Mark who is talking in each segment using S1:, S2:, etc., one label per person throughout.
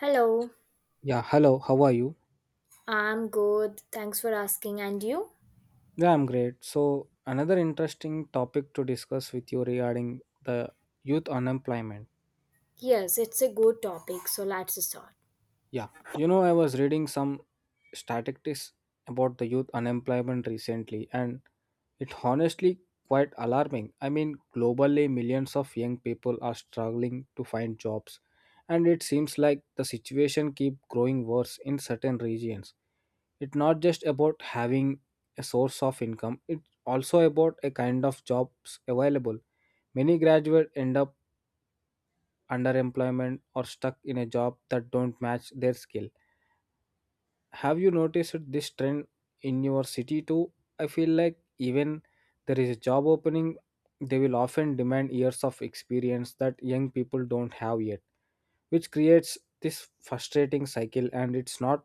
S1: Hello,
S2: Yeah, hello, how are you?
S1: I'm good. Thanks for asking. And you?
S2: Yeah, I'm great. So, another interesting topic to discuss with you regarding the youth unemployment.
S1: Yes, it's a good topic, so let's start.
S2: I was reading some statistics about the youth unemployment recently, and it honestly quite alarming. I mean, globally, millions of young people are struggling to find jobs, and it seems like the situation keep growing worse in certain regions. It's not just about having a source of income. It's also about a kind of jobs available. Many graduates end up underemployment or stuck in a job that don't match their skill. Have you noticed this trend in your city too? I feel like even there is a job opening, they will often demand years of experience that young people don't have yet, which creates this frustrating cycle. And it's not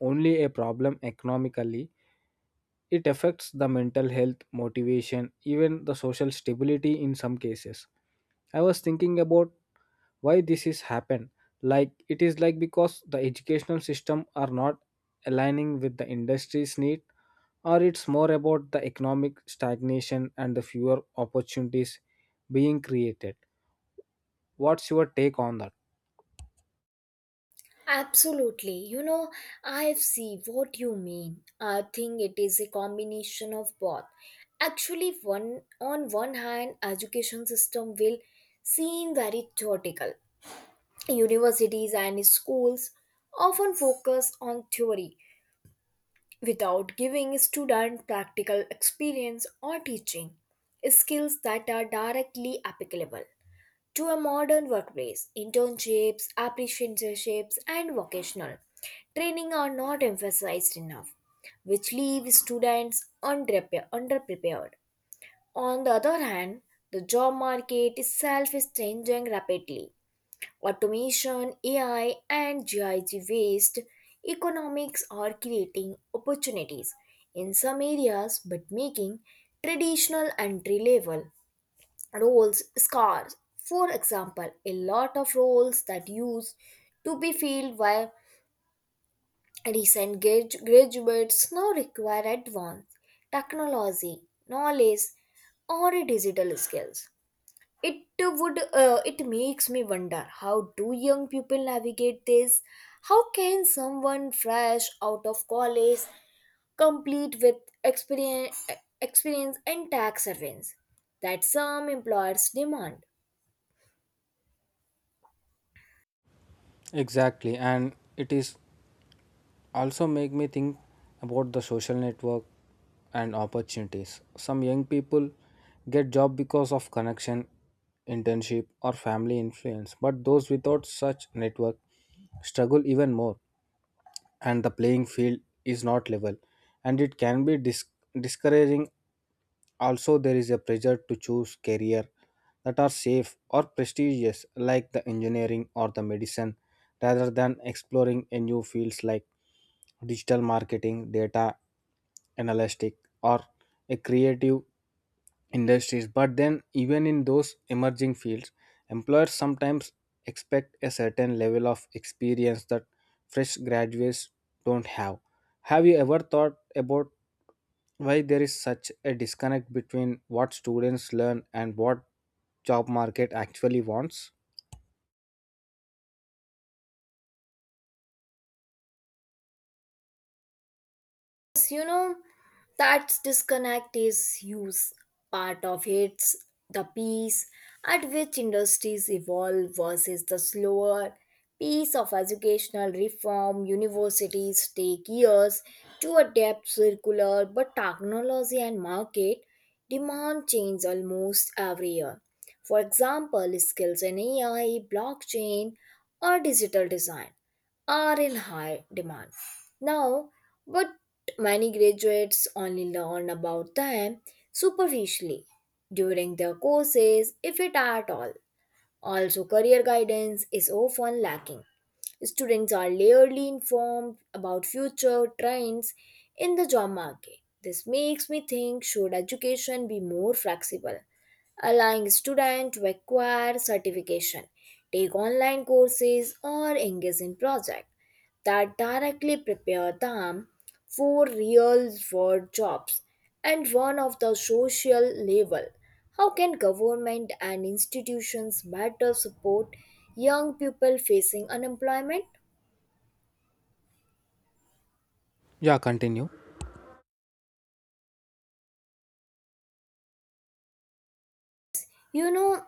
S2: only a problem economically, it affects the mental health, motivation, even the social stability in some cases. I was thinking about why this is happened, like it is like because the educational system are not aligning with the industry's need, or it's more about the economic stagnation and the fewer opportunities being created. What's your take on that?
S1: Absolutely. I see what you mean. I think it is a combination of both. Actually, one on one hand, education system will seem very theoretical. Universities and schools often focus on theory without giving students practical experience or teaching skills that are directly applicable to a modern workplace. Internships, apprenticeships, and vocational training are not emphasized enough, which leave students underprepared. On the other hand, the job market itself is changing rapidly. Automation, AI, and GIG waste economics are creating opportunities in some areas but making traditional entry level roles scarce. For example, a lot of roles that used to be filled by recent graduates now require advanced technology, knowledge, or digital skills. It would it makes me wonder, how do young people navigate this? How can someone fresh out of college complete with experience experience and tax savings that some employers demand?
S2: Exactly, and it is also make me think about the social network and opportunities. Some young people get job because of connection, internship or family influence, but those without such network struggle even more, and the playing field is not level and it can be discouraging. Also, there is a pressure to choose career that are safe or prestigious, like the engineering or the medicine, rather than exploring a new fields like digital marketing, data analytic, or a creative industries. But then, even in those emerging fields, employers sometimes expect a certain level of experience that fresh graduates don't have. Have you ever thought about why there is such a disconnect between what students learn and what job market actually wants?
S1: Yes, you know, that disconnect is huge. Part of it's the pace at which industries evolve versus the slower pace of educational reform. Universities take years to adapt circular, but technology and market demand change almost every year. For example, skills in AI, blockchain, or digital design are in high demand. Now, but many graduates only learn about them superficially during their courses, if it at all. Also, career guidance is often lacking. Students are rarely informed about future trends in the job market. This makes me think, should education be more flexible, allowing students to acquire certification, take online courses, or engage in projects that directly prepare them for real world jobs? And one of the social level, how can government and institutions better support young people facing unemployment?
S2: Yeah, continue.
S1: You know,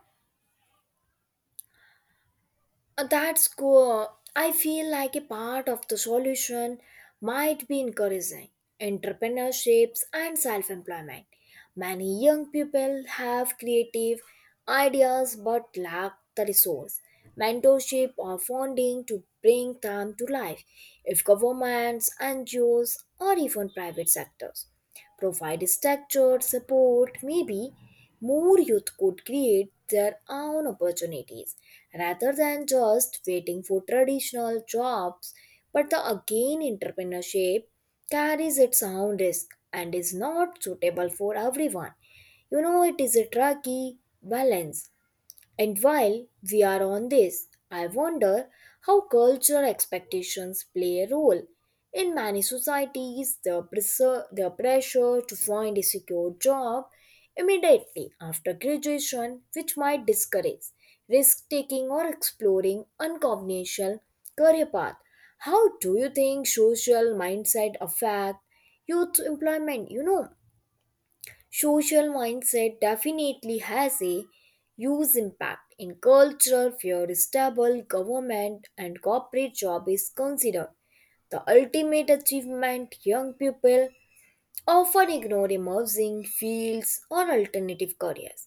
S1: That's cool. I feel like a part of the solution might be encouraging entrepreneurships and self employment. Many young people have creative ideas but lack the resource, mentorship, or funding to bring them to life. If governments, NGOs, or even private sectors provide structure, support, maybe more youth could create their own opportunities rather than just waiting for traditional jobs. But the again, entrepreneurship carries its own risk and is not suitable for everyone. You know, it is a tricky balance, and while we are on this, I wonder how cultural expectations play a role. In many societies, the pressure to find a secure job immediately after graduation, which might discourage risk taking or exploring unconventional career path. How do you think social mindset affect youth employment? Social mindset definitely has a huge impact in culture where stable government and corporate job is considered the ultimate achievement. Young people often ignore emerging fields or alternative careers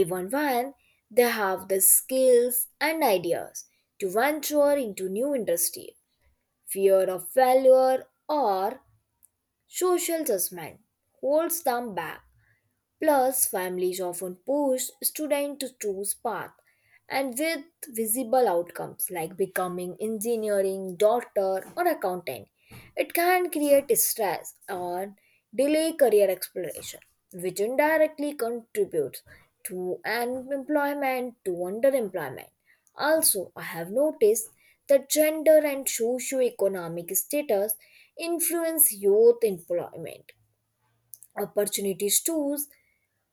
S1: even when they have the skills and ideas to venture into new industry. Fear of failure or social judgment holds them back. Plus, families often push students to choose path and with visible outcomes like becoming engineering, doctor or accountant. It can create stress or delay career exploration, which indirectly contributes to unemployment to underemployment. Also, I have noticed that gender and socioeconomic status influence youth employment opportunities too.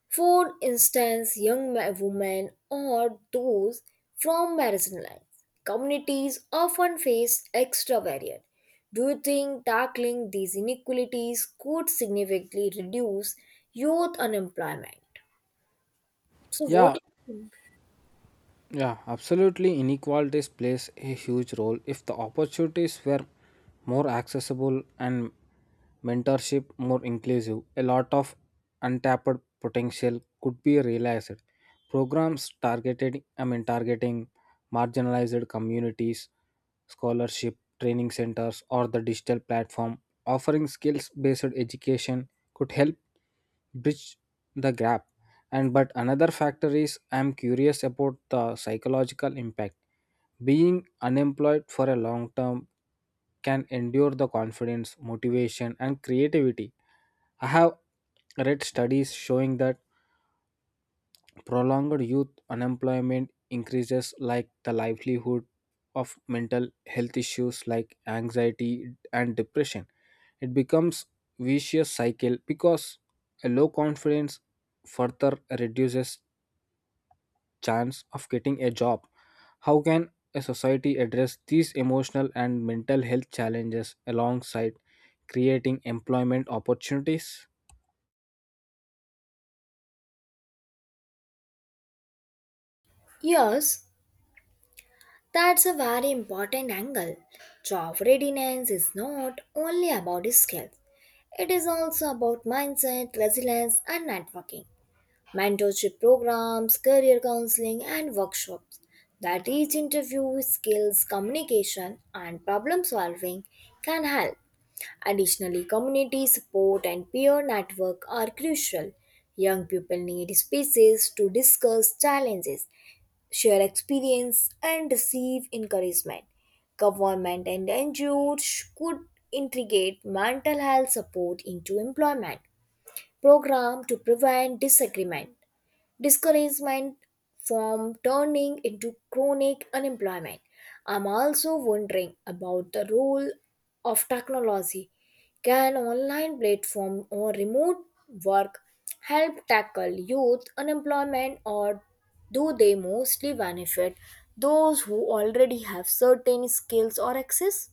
S1: For instance, young women or those from marginalized communities often face extra barriers. Do you think tackling these inequalities could significantly reduce youth unemployment? So,
S2: yeah
S1: what?
S2: Yeah, absolutely. Inequalities plays a huge role. If the opportunities were more accessible and mentorship more inclusive, a lot of untapped potential could be realized. Programs targeted, I mean, targeting marginalized communities, scholarship, training centers, or the digital platform offering skills-based education could help bridge the gap. And but another factor is, I'm curious about the psychological impact. Being unemployed for a long term can endure the confidence, motivation and creativity. I have read studies showing that prolonged youth unemployment increases like the livelihood of mental health issues like anxiety and depression. It becomes vicious cycle because a low confidence further reduces chance of getting a job. How can a society address these emotional and mental health challenges alongside creating employment opportunities?
S1: Yes, that's a very important angle. Job readiness is not only about skills, it is also about mindset, resilience, and networking. Mentorship programs, career counseling, and workshops that each interview skills, communication, and problem solving can help. Additionally, community support and peer network are crucial. Young people need spaces to discuss challenges, share experience, and receive encouragement. Government and NGOs could integrate mental health support into employment program to prevent disagreement discouragement from turning into chronic unemployment. I'm also wondering about the role of technology. Can online platform or remote work help tackle youth unemployment, or do they mostly benefit those who already have certain skills or access?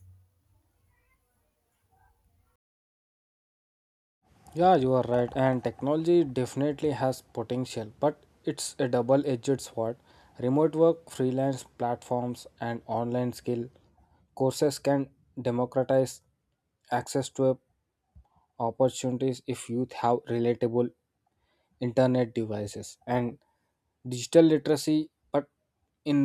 S2: Yeah, you are right. And technology definitely has potential, but it's a double edged sword. Remote work, freelance platforms, and online skill courses can democratize access to a opportunities if youth have relatable internet devices and digital literacy. But in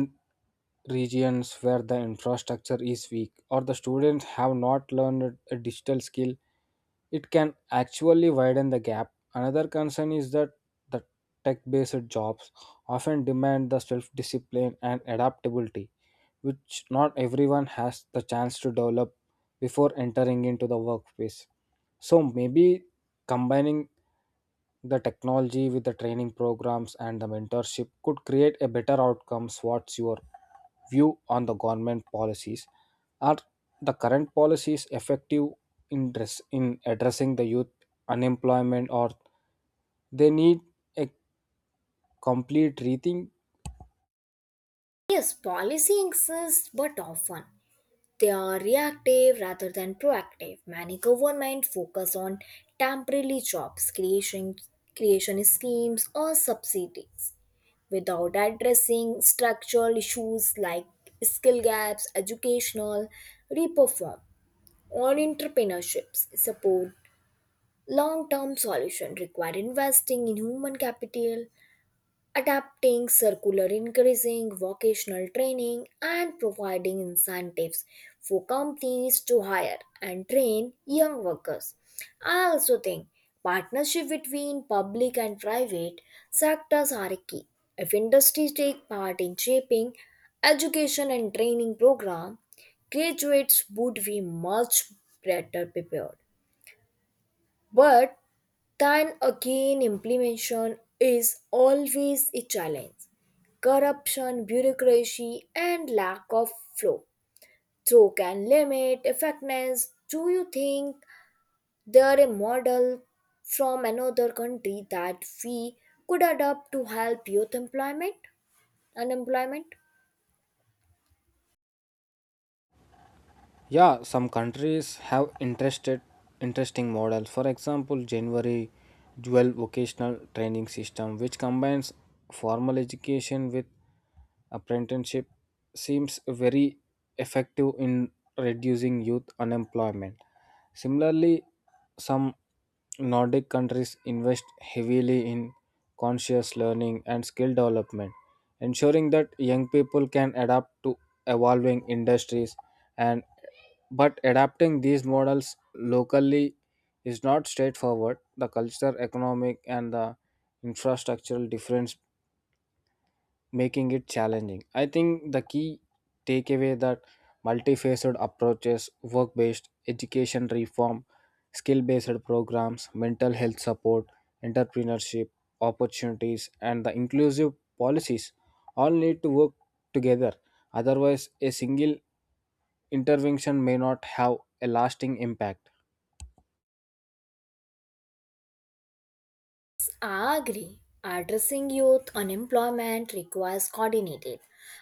S2: regions where the infrastructure is weak or the students have not learned a digital skill, it can actually widen the gap. Another concern is that the tech-based jobs often demand the self-discipline and adaptability, which not everyone has the chance to develop before entering into the workplace. So maybe combining the technology with the training programs and the mentorship could create a better outcomes. What's your view on the government policies? Are the current policies effective in, dress, in addressing the youth unemployment, or they need a complete rethink?
S1: Yes, policy exists, but often they are reactive rather than proactive. Many governments focus on temporary jobs creation, schemes or subsidies without addressing structural issues like skill gaps, educational reform, or entrepreneurships. Support long-term solution require investing in human capital, adapting circular, increasing vocational training, and providing incentives for companies to hire and train young workers. I also think partnership between public and private sectors are key. If industries take part in shaping education and training program, graduates would be much better prepared. But then again, implementation is always a challenge. Corruption, bureaucracy, and lack of flow. So, can limit effectiveness. Do you think there a model from another country that we could adopt to help youth employment, unemployment?
S2: Yeah, some countries have interested interesting models. For example, January dual vocational training system, which combines formal education with apprenticeship, seems very effective in reducing youth unemployment. Similarly, some Nordic countries invest heavily in conscious learning and skill development, ensuring that young people can adapt to evolving industries. And but adapting these models locally is not straightforward. The cultural, economic, and the infrastructural difference making it challenging. I think the key takeaway that multifaceted approaches, work based education reform, skill based programs, mental health support, entrepreneurship opportunities, and the inclusive policies all need to work together. Otherwise, a single intervention may not have a lasting impact.
S1: I agree. Addressing youth unemployment requires coordinated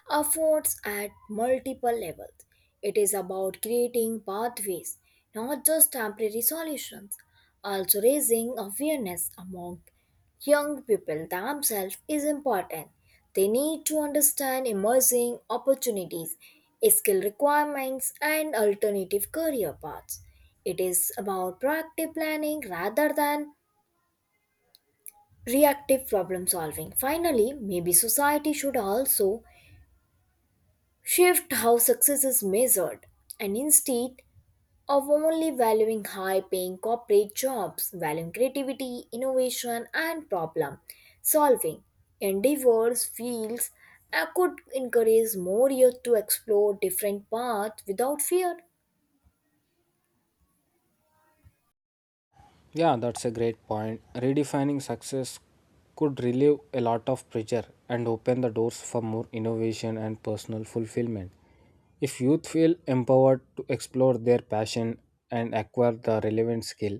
S1: efforts at multiple levels. It is about creating pathways, not just temporary solutions. Also, raising awareness among young people themselves is important. They need to understand emerging opportunities, skill requirements, and alternative career paths. It is about proactive planning rather than reactive problem solving. Finally, maybe society should also shift how success is measured, and instead of only valuing high paying corporate jobs, valuing creativity, innovation, and problem solving endeavors, fields could encourage more youth to explore different paths without fear.
S2: Yeah, that's a great point. Redefining success could relieve a lot of pressure and open the doors for more innovation and personal fulfillment. If youth feel empowered to explore their passion and acquire the relevant skill,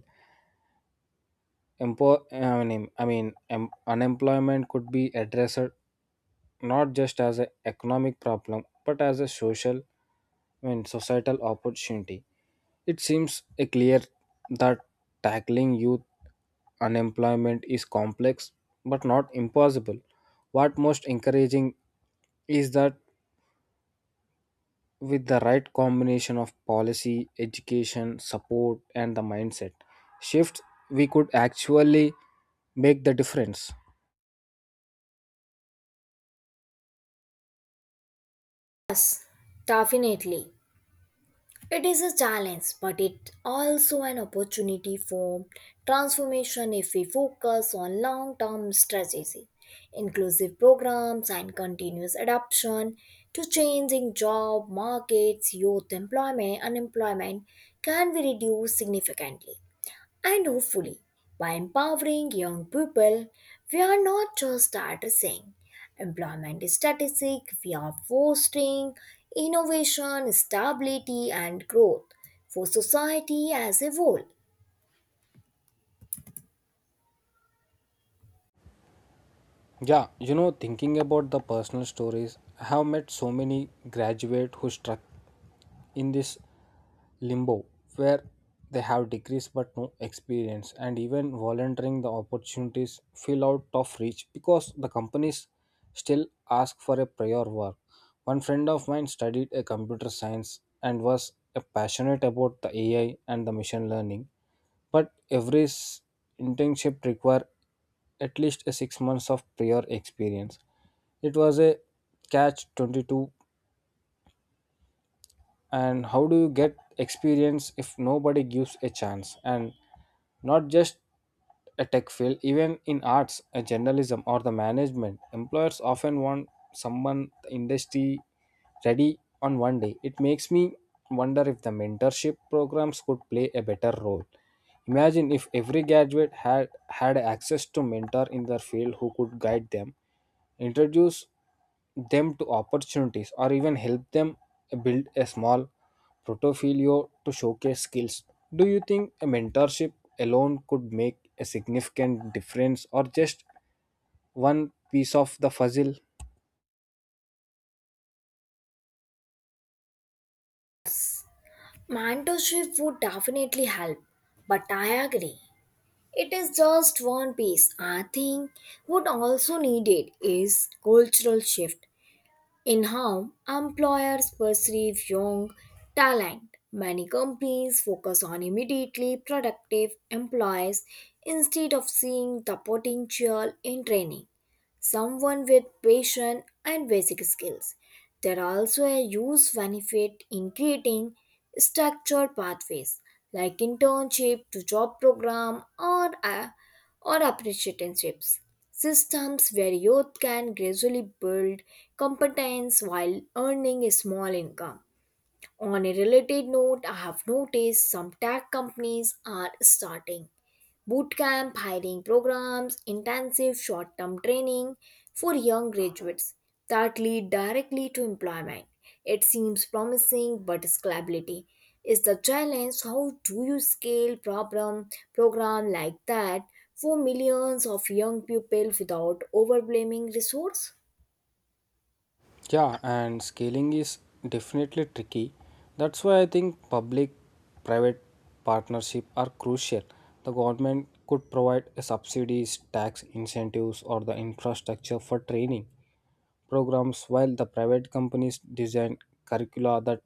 S2: Unemployment could be addressed not just as an economic problem but as a societal opportunity. It seems a clear that tackling youth unemployment is complex but not impossible. What most encouraging is that with the right combination of policy, education, support, and the mindset shift, we could actually make the difference.
S1: Definitely. It is a challenge, but it also an opportunity for transformation. If we focus on long-term strategy, inclusive programs and continuous adaptation to changing job markets, youth employment, unemployment can be reduced significantly. And hopefully, by empowering young people, we are not just addressing employment statistics, we are fostering innovation, stability, and growth for society as a whole.
S2: Thinking about the personal stories, I have met so many graduate who struck in this limbo, where they have degrees but no experience, and even volunteering the opportunities feel out of reach because the companies still ask for a prior work. One friend of mine studied a computer science and was a passionate about the AI and the machine learning, but internship require at least a 6 months of prior experience. It was a catch 22. And how do you get experience if nobody gives a chance? And not just a tech field, even in arts, journalism or the management, employers often want someone the industry ready on one day. It makes me wonder if the mentorship programs could play a better role. Imagine if every graduate had access to mentor in their field who could guide them, introduce them to opportunities, or even help them build a small portfolio to showcase skills. Do you think a mentorship alone could make a significant difference, or just one piece of the puzzle?
S1: Mentorship would definitely help, but I agree. It is just one piece. I think what also needed is cultural shift in how employers perceive young talent. Many companies focus on immediately productive employees instead of seeing the potential in training someone with patience and basic skills. There are also a huge benefit in creating structured pathways like internship to job program or apprenticeships. Systems where youth can gradually build competence while earning a small income. On a related note, I have noticed some tech companies are starting bootcamp hiring programs, intensive short term training for young graduates that lead directly to employment. It seems promising, but scalability is the challenge. How do you scale problem program like that for millions of young people without overwhelming resource?
S2: Yeah, and scaling is definitely tricky. That's why I think public private partnership are crucial. The government could provide a subsidies, tax incentives, or the infrastructure for training programs, while the private companies design curricula that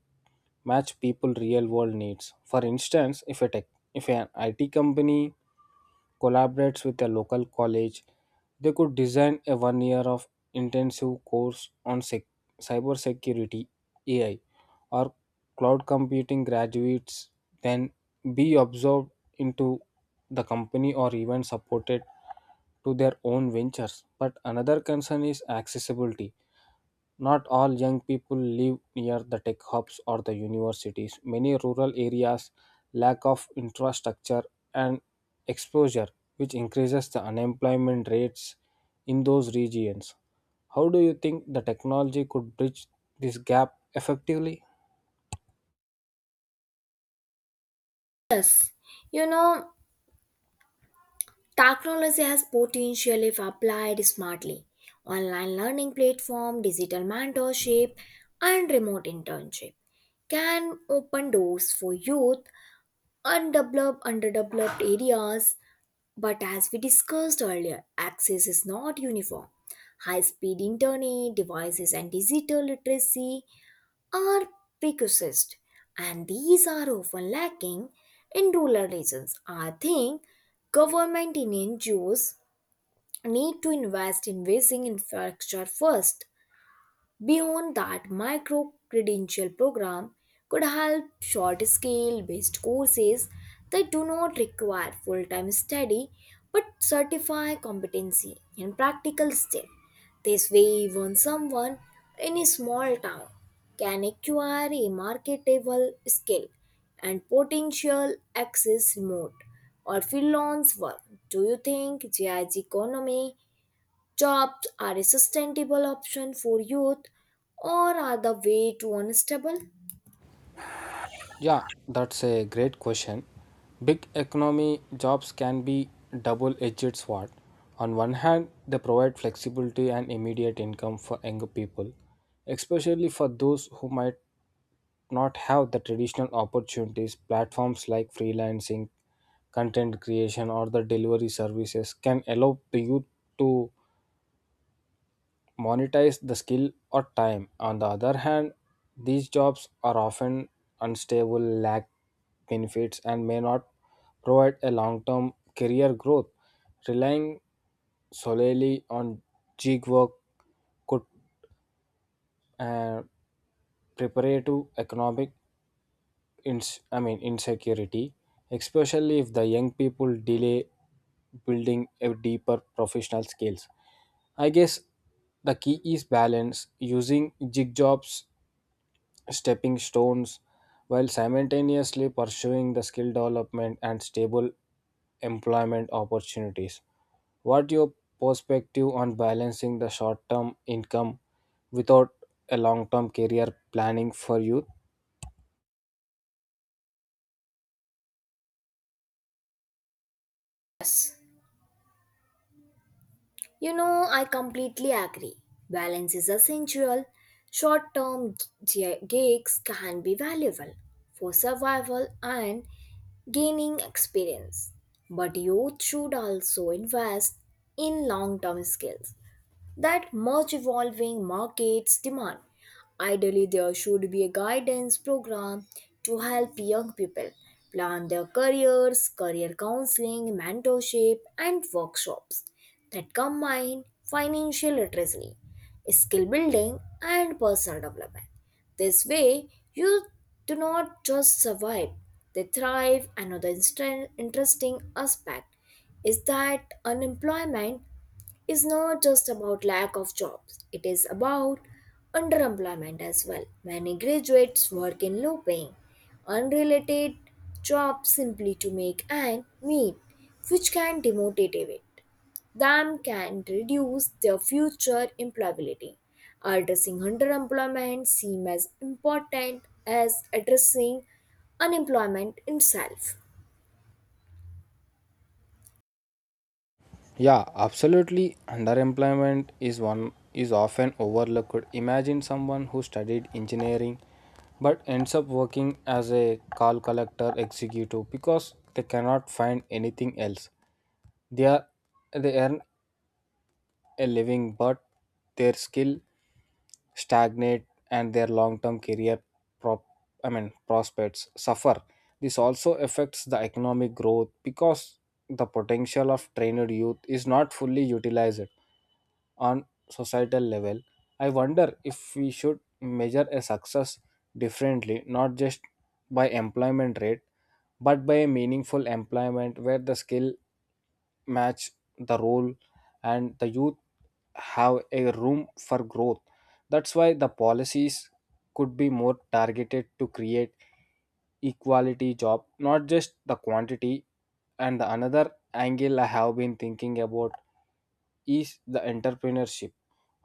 S2: match people real world needs. For instance, if a tech, if an IT company collaborates with a local college, they could design a 1 year of intensive course on cyber security, AI or cloud computing. Graduates then be absorbed into the company or even supported to their own ventures. But another concern is accessibility. Not all young people live near the tech hubs or the universities. Many rural areas lack of infrastructure and exposure, which increases the unemployment rates in those regions. How do you think the technology could bridge this gap effectively?
S1: You know, technology has potential if applied smartly. Online learning platform, digital mentorship, and remote internship can open doors for youth undeveloped underdeveloped areas. But as we discussed earlier, access is not uniform. High speed internet, devices, and digital literacy are precocist, and these are often lacking in rural regions. I think government and NGOs need to invest in basic infrastructure first. Beyond that, micro credential program could help short scale based courses that do not require full time study but certify competency and practical skill. This way, even someone in a small town can acquire a marketable skill and potential access remote or freelance work. Do you think GIG economy jobs are a sustainable option for youth, or are the way to unstable?
S2: Yeah, that's a great question. Big economy jobs can be double edged sword. On one hand, they provide flexibility and immediate income for younger people, especially for those who might not have the traditional opportunities. Platforms like freelancing, content creation, or the delivery services can allow the youth to monetize the skill or time. On the other hand, these jobs are often unstable, lack benefits, and may not provide a long term career growth. Relying solely on gig work could uh, preparative economic insecurity, especially if the young people delay building a deeper professional skills. I guess the key is balance using gig jobs stepping stones while simultaneously pursuing the skill development and stable employment opportunities. What your perspective on balancing the short-term income without a long-term career planning for youth?
S1: You know, I completely agree. Balance is essential. Short term gigs can be valuable for survival and gaining experience. But youth should also invest in long term skills that much evolving markets demand. Ideally, there should be a guidance program to help young people plan their careers, career counseling, mentorship, and workshops that combine financial literacy, skill building, and personal development. This way, you do not just survive, they thrive. Another interesting aspect is that unemployment is not just about lack of jobs, it is about underemployment as well. Many graduates work in low paying, unrelated jobs simply to make and meet, which can demotivate them can reduce their future employability. Addressing underemployment seems as important as addressing unemployment itself.
S2: Yeah, absolutely. Underemployment is one is often overlooked. Imagine someone who studied engineering but ends up working as a call collector executive because they cannot find anything else. They are they earn a living, but their skill stagnate and their long-term career prop I mean prospects suffer. This also affects the economic growth because the potential of trained youth is not fully utilized on societal level. I wonder if we should measure a success differently, not just by employment rate but by a meaningful employment where the skill match the role and the youth have a room for growth. That's why the policies could be more targeted to create equality job not just the quantity. And the another angle I have been thinking about is the entrepreneurship.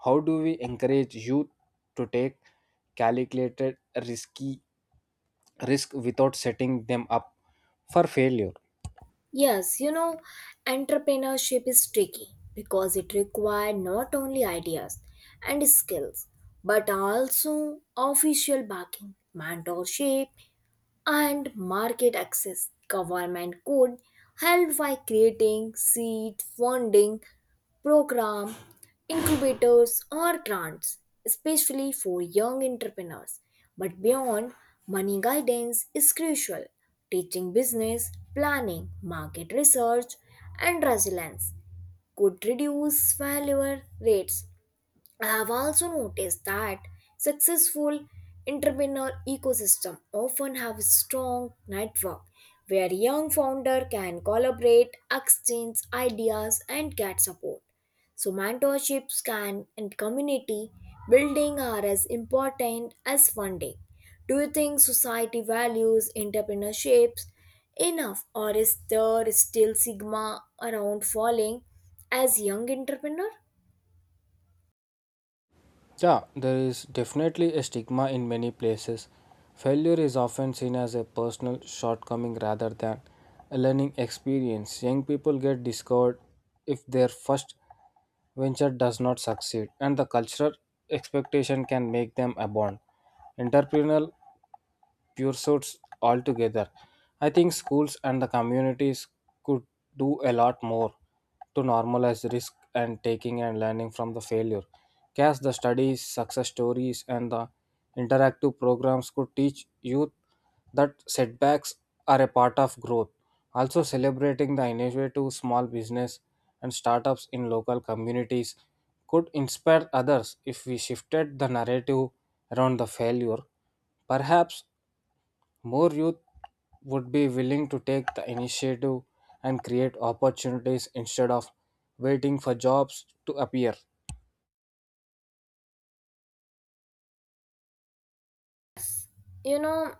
S2: How do we encourage youth to take calculated risk without setting them up for failure?
S1: Yes, you know, entrepreneurship is tricky because it requires not only ideas and skills, but also official backing, mentorship, and market access. Government could help by creating seed funding program, incubators or grants, especially for young entrepreneurs. But beyond, money guidance is crucial. Teaching business, planning, market research, and resilience could reduce failure rates. I have also noticed that successful entrepreneur ecosystem often have a strong network where young founder can collaborate, exchange ideas and get support. So mentorships can and community building are as important as funding. Do you think society values entrepreneurships enough, or is there still stigma around falling as young entrepreneur?
S2: Yeah, there is definitely a stigma in many places. Failure is often seen as a personal shortcoming rather than a learning experience. Young people get discovered if their first venture does not succeed, and the cultural expectation can make them abandon entrepreneurial pursuits altogether. I think schools and the communities could do a lot more to normalize risk and taking and learning from the failure. Cast the studies, success stories, and the interactive programs could teach youth that setbacks are a part of growth. Also, celebrating the innovative small business and startups in local communities could inspire others. If we shifted the narrative around the failure, perhaps more youth would be willing to take the initiative and create opportunities instead of waiting for jobs to appear.
S1: You know,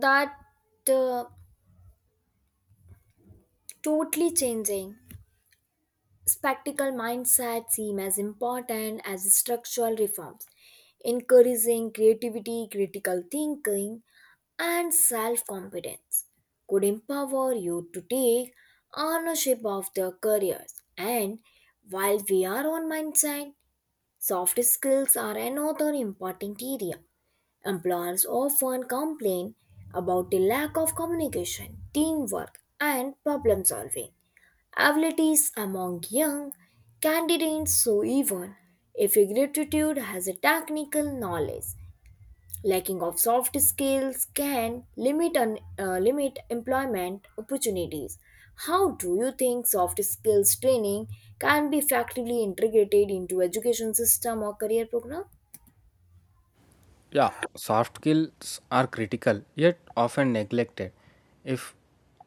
S1: that uh, totally changing spectacle mindset seem as important as structural reforms, encouraging creativity, critical thinking, and self-confidence could empower you to take ownership of their careers. And while we are on mindset, soft skills are another important area. Employers often complain about the lack of communication, teamwork, and problem solving abilities among young candidates. So, even if a gratitude has a technical knowledge, lacking of soft skills can limit employment opportunities. How do you think soft skills training can be effectively integrated into education system or career program?
S2: Yeah, soft skills are critical yet often neglected. If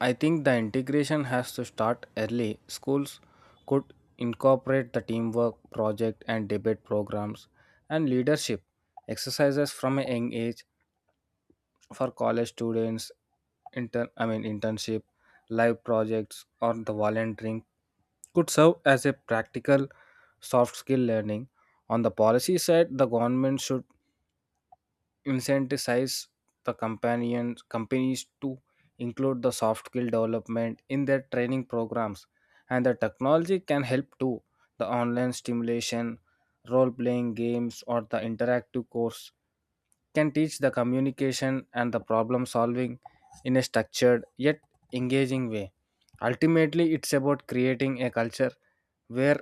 S2: I think the integration has to start early. Schools could incorporate the teamwork, project and debate programs and leadership exercises from a young age. For college students, internship, live projects or the volunteering could serve as a practical soft skill learning. On the policy side, the government should incentivize the companions companies to include the soft skill development in their training programs. And the technology can help too. The online stimulation, role playing games or the interactive course can teach the communication and the problem solving in a structured yet engaging way. Ultimately, it's about creating a culture where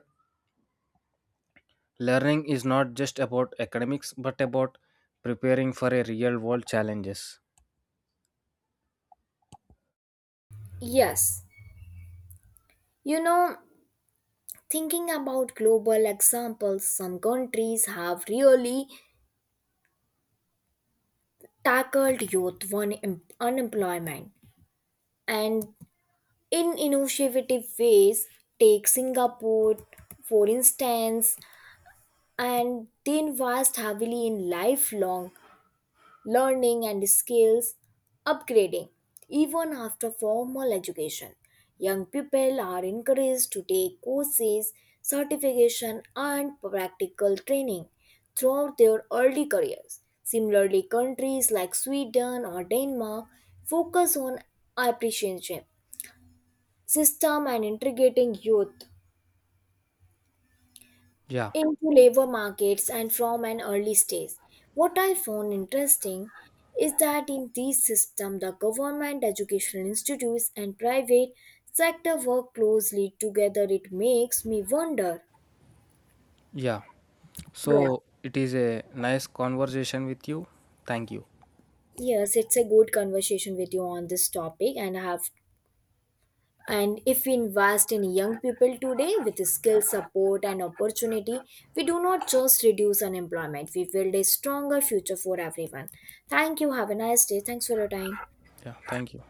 S2: learning is not just about academics but about preparing for a real world challenges.
S1: Yes, you know, thinking about global examples, some countries have really tackled youth unemployment and in innovative ways. Take Singapore, for instance, and they invest heavily in lifelong learning and skills upgrading. Even after formal education, young people are encouraged to take courses, certification, and practical training throughout their early careers. Similarly, countries like Sweden or Denmark focus on apprenticeship system and integrating youth
S2: Yeah,
S1: into labor markets and from an early stage. What I found interesting is that in these systems, the government, educational institutes, and private sector work closely together. It makes me wonder.
S2: yeah,
S1: Yes,
S2: so it is a nice conversation with you. Thank you.
S1: yes, it's a good conversation with you on this topic, and I have. And if we invest in young people today with skill support and opportunity, we do not just reduce unemployment, we build a stronger future for everyone. Thank you. Have a nice day. Thanks for your time.
S2: Yeah, thank you.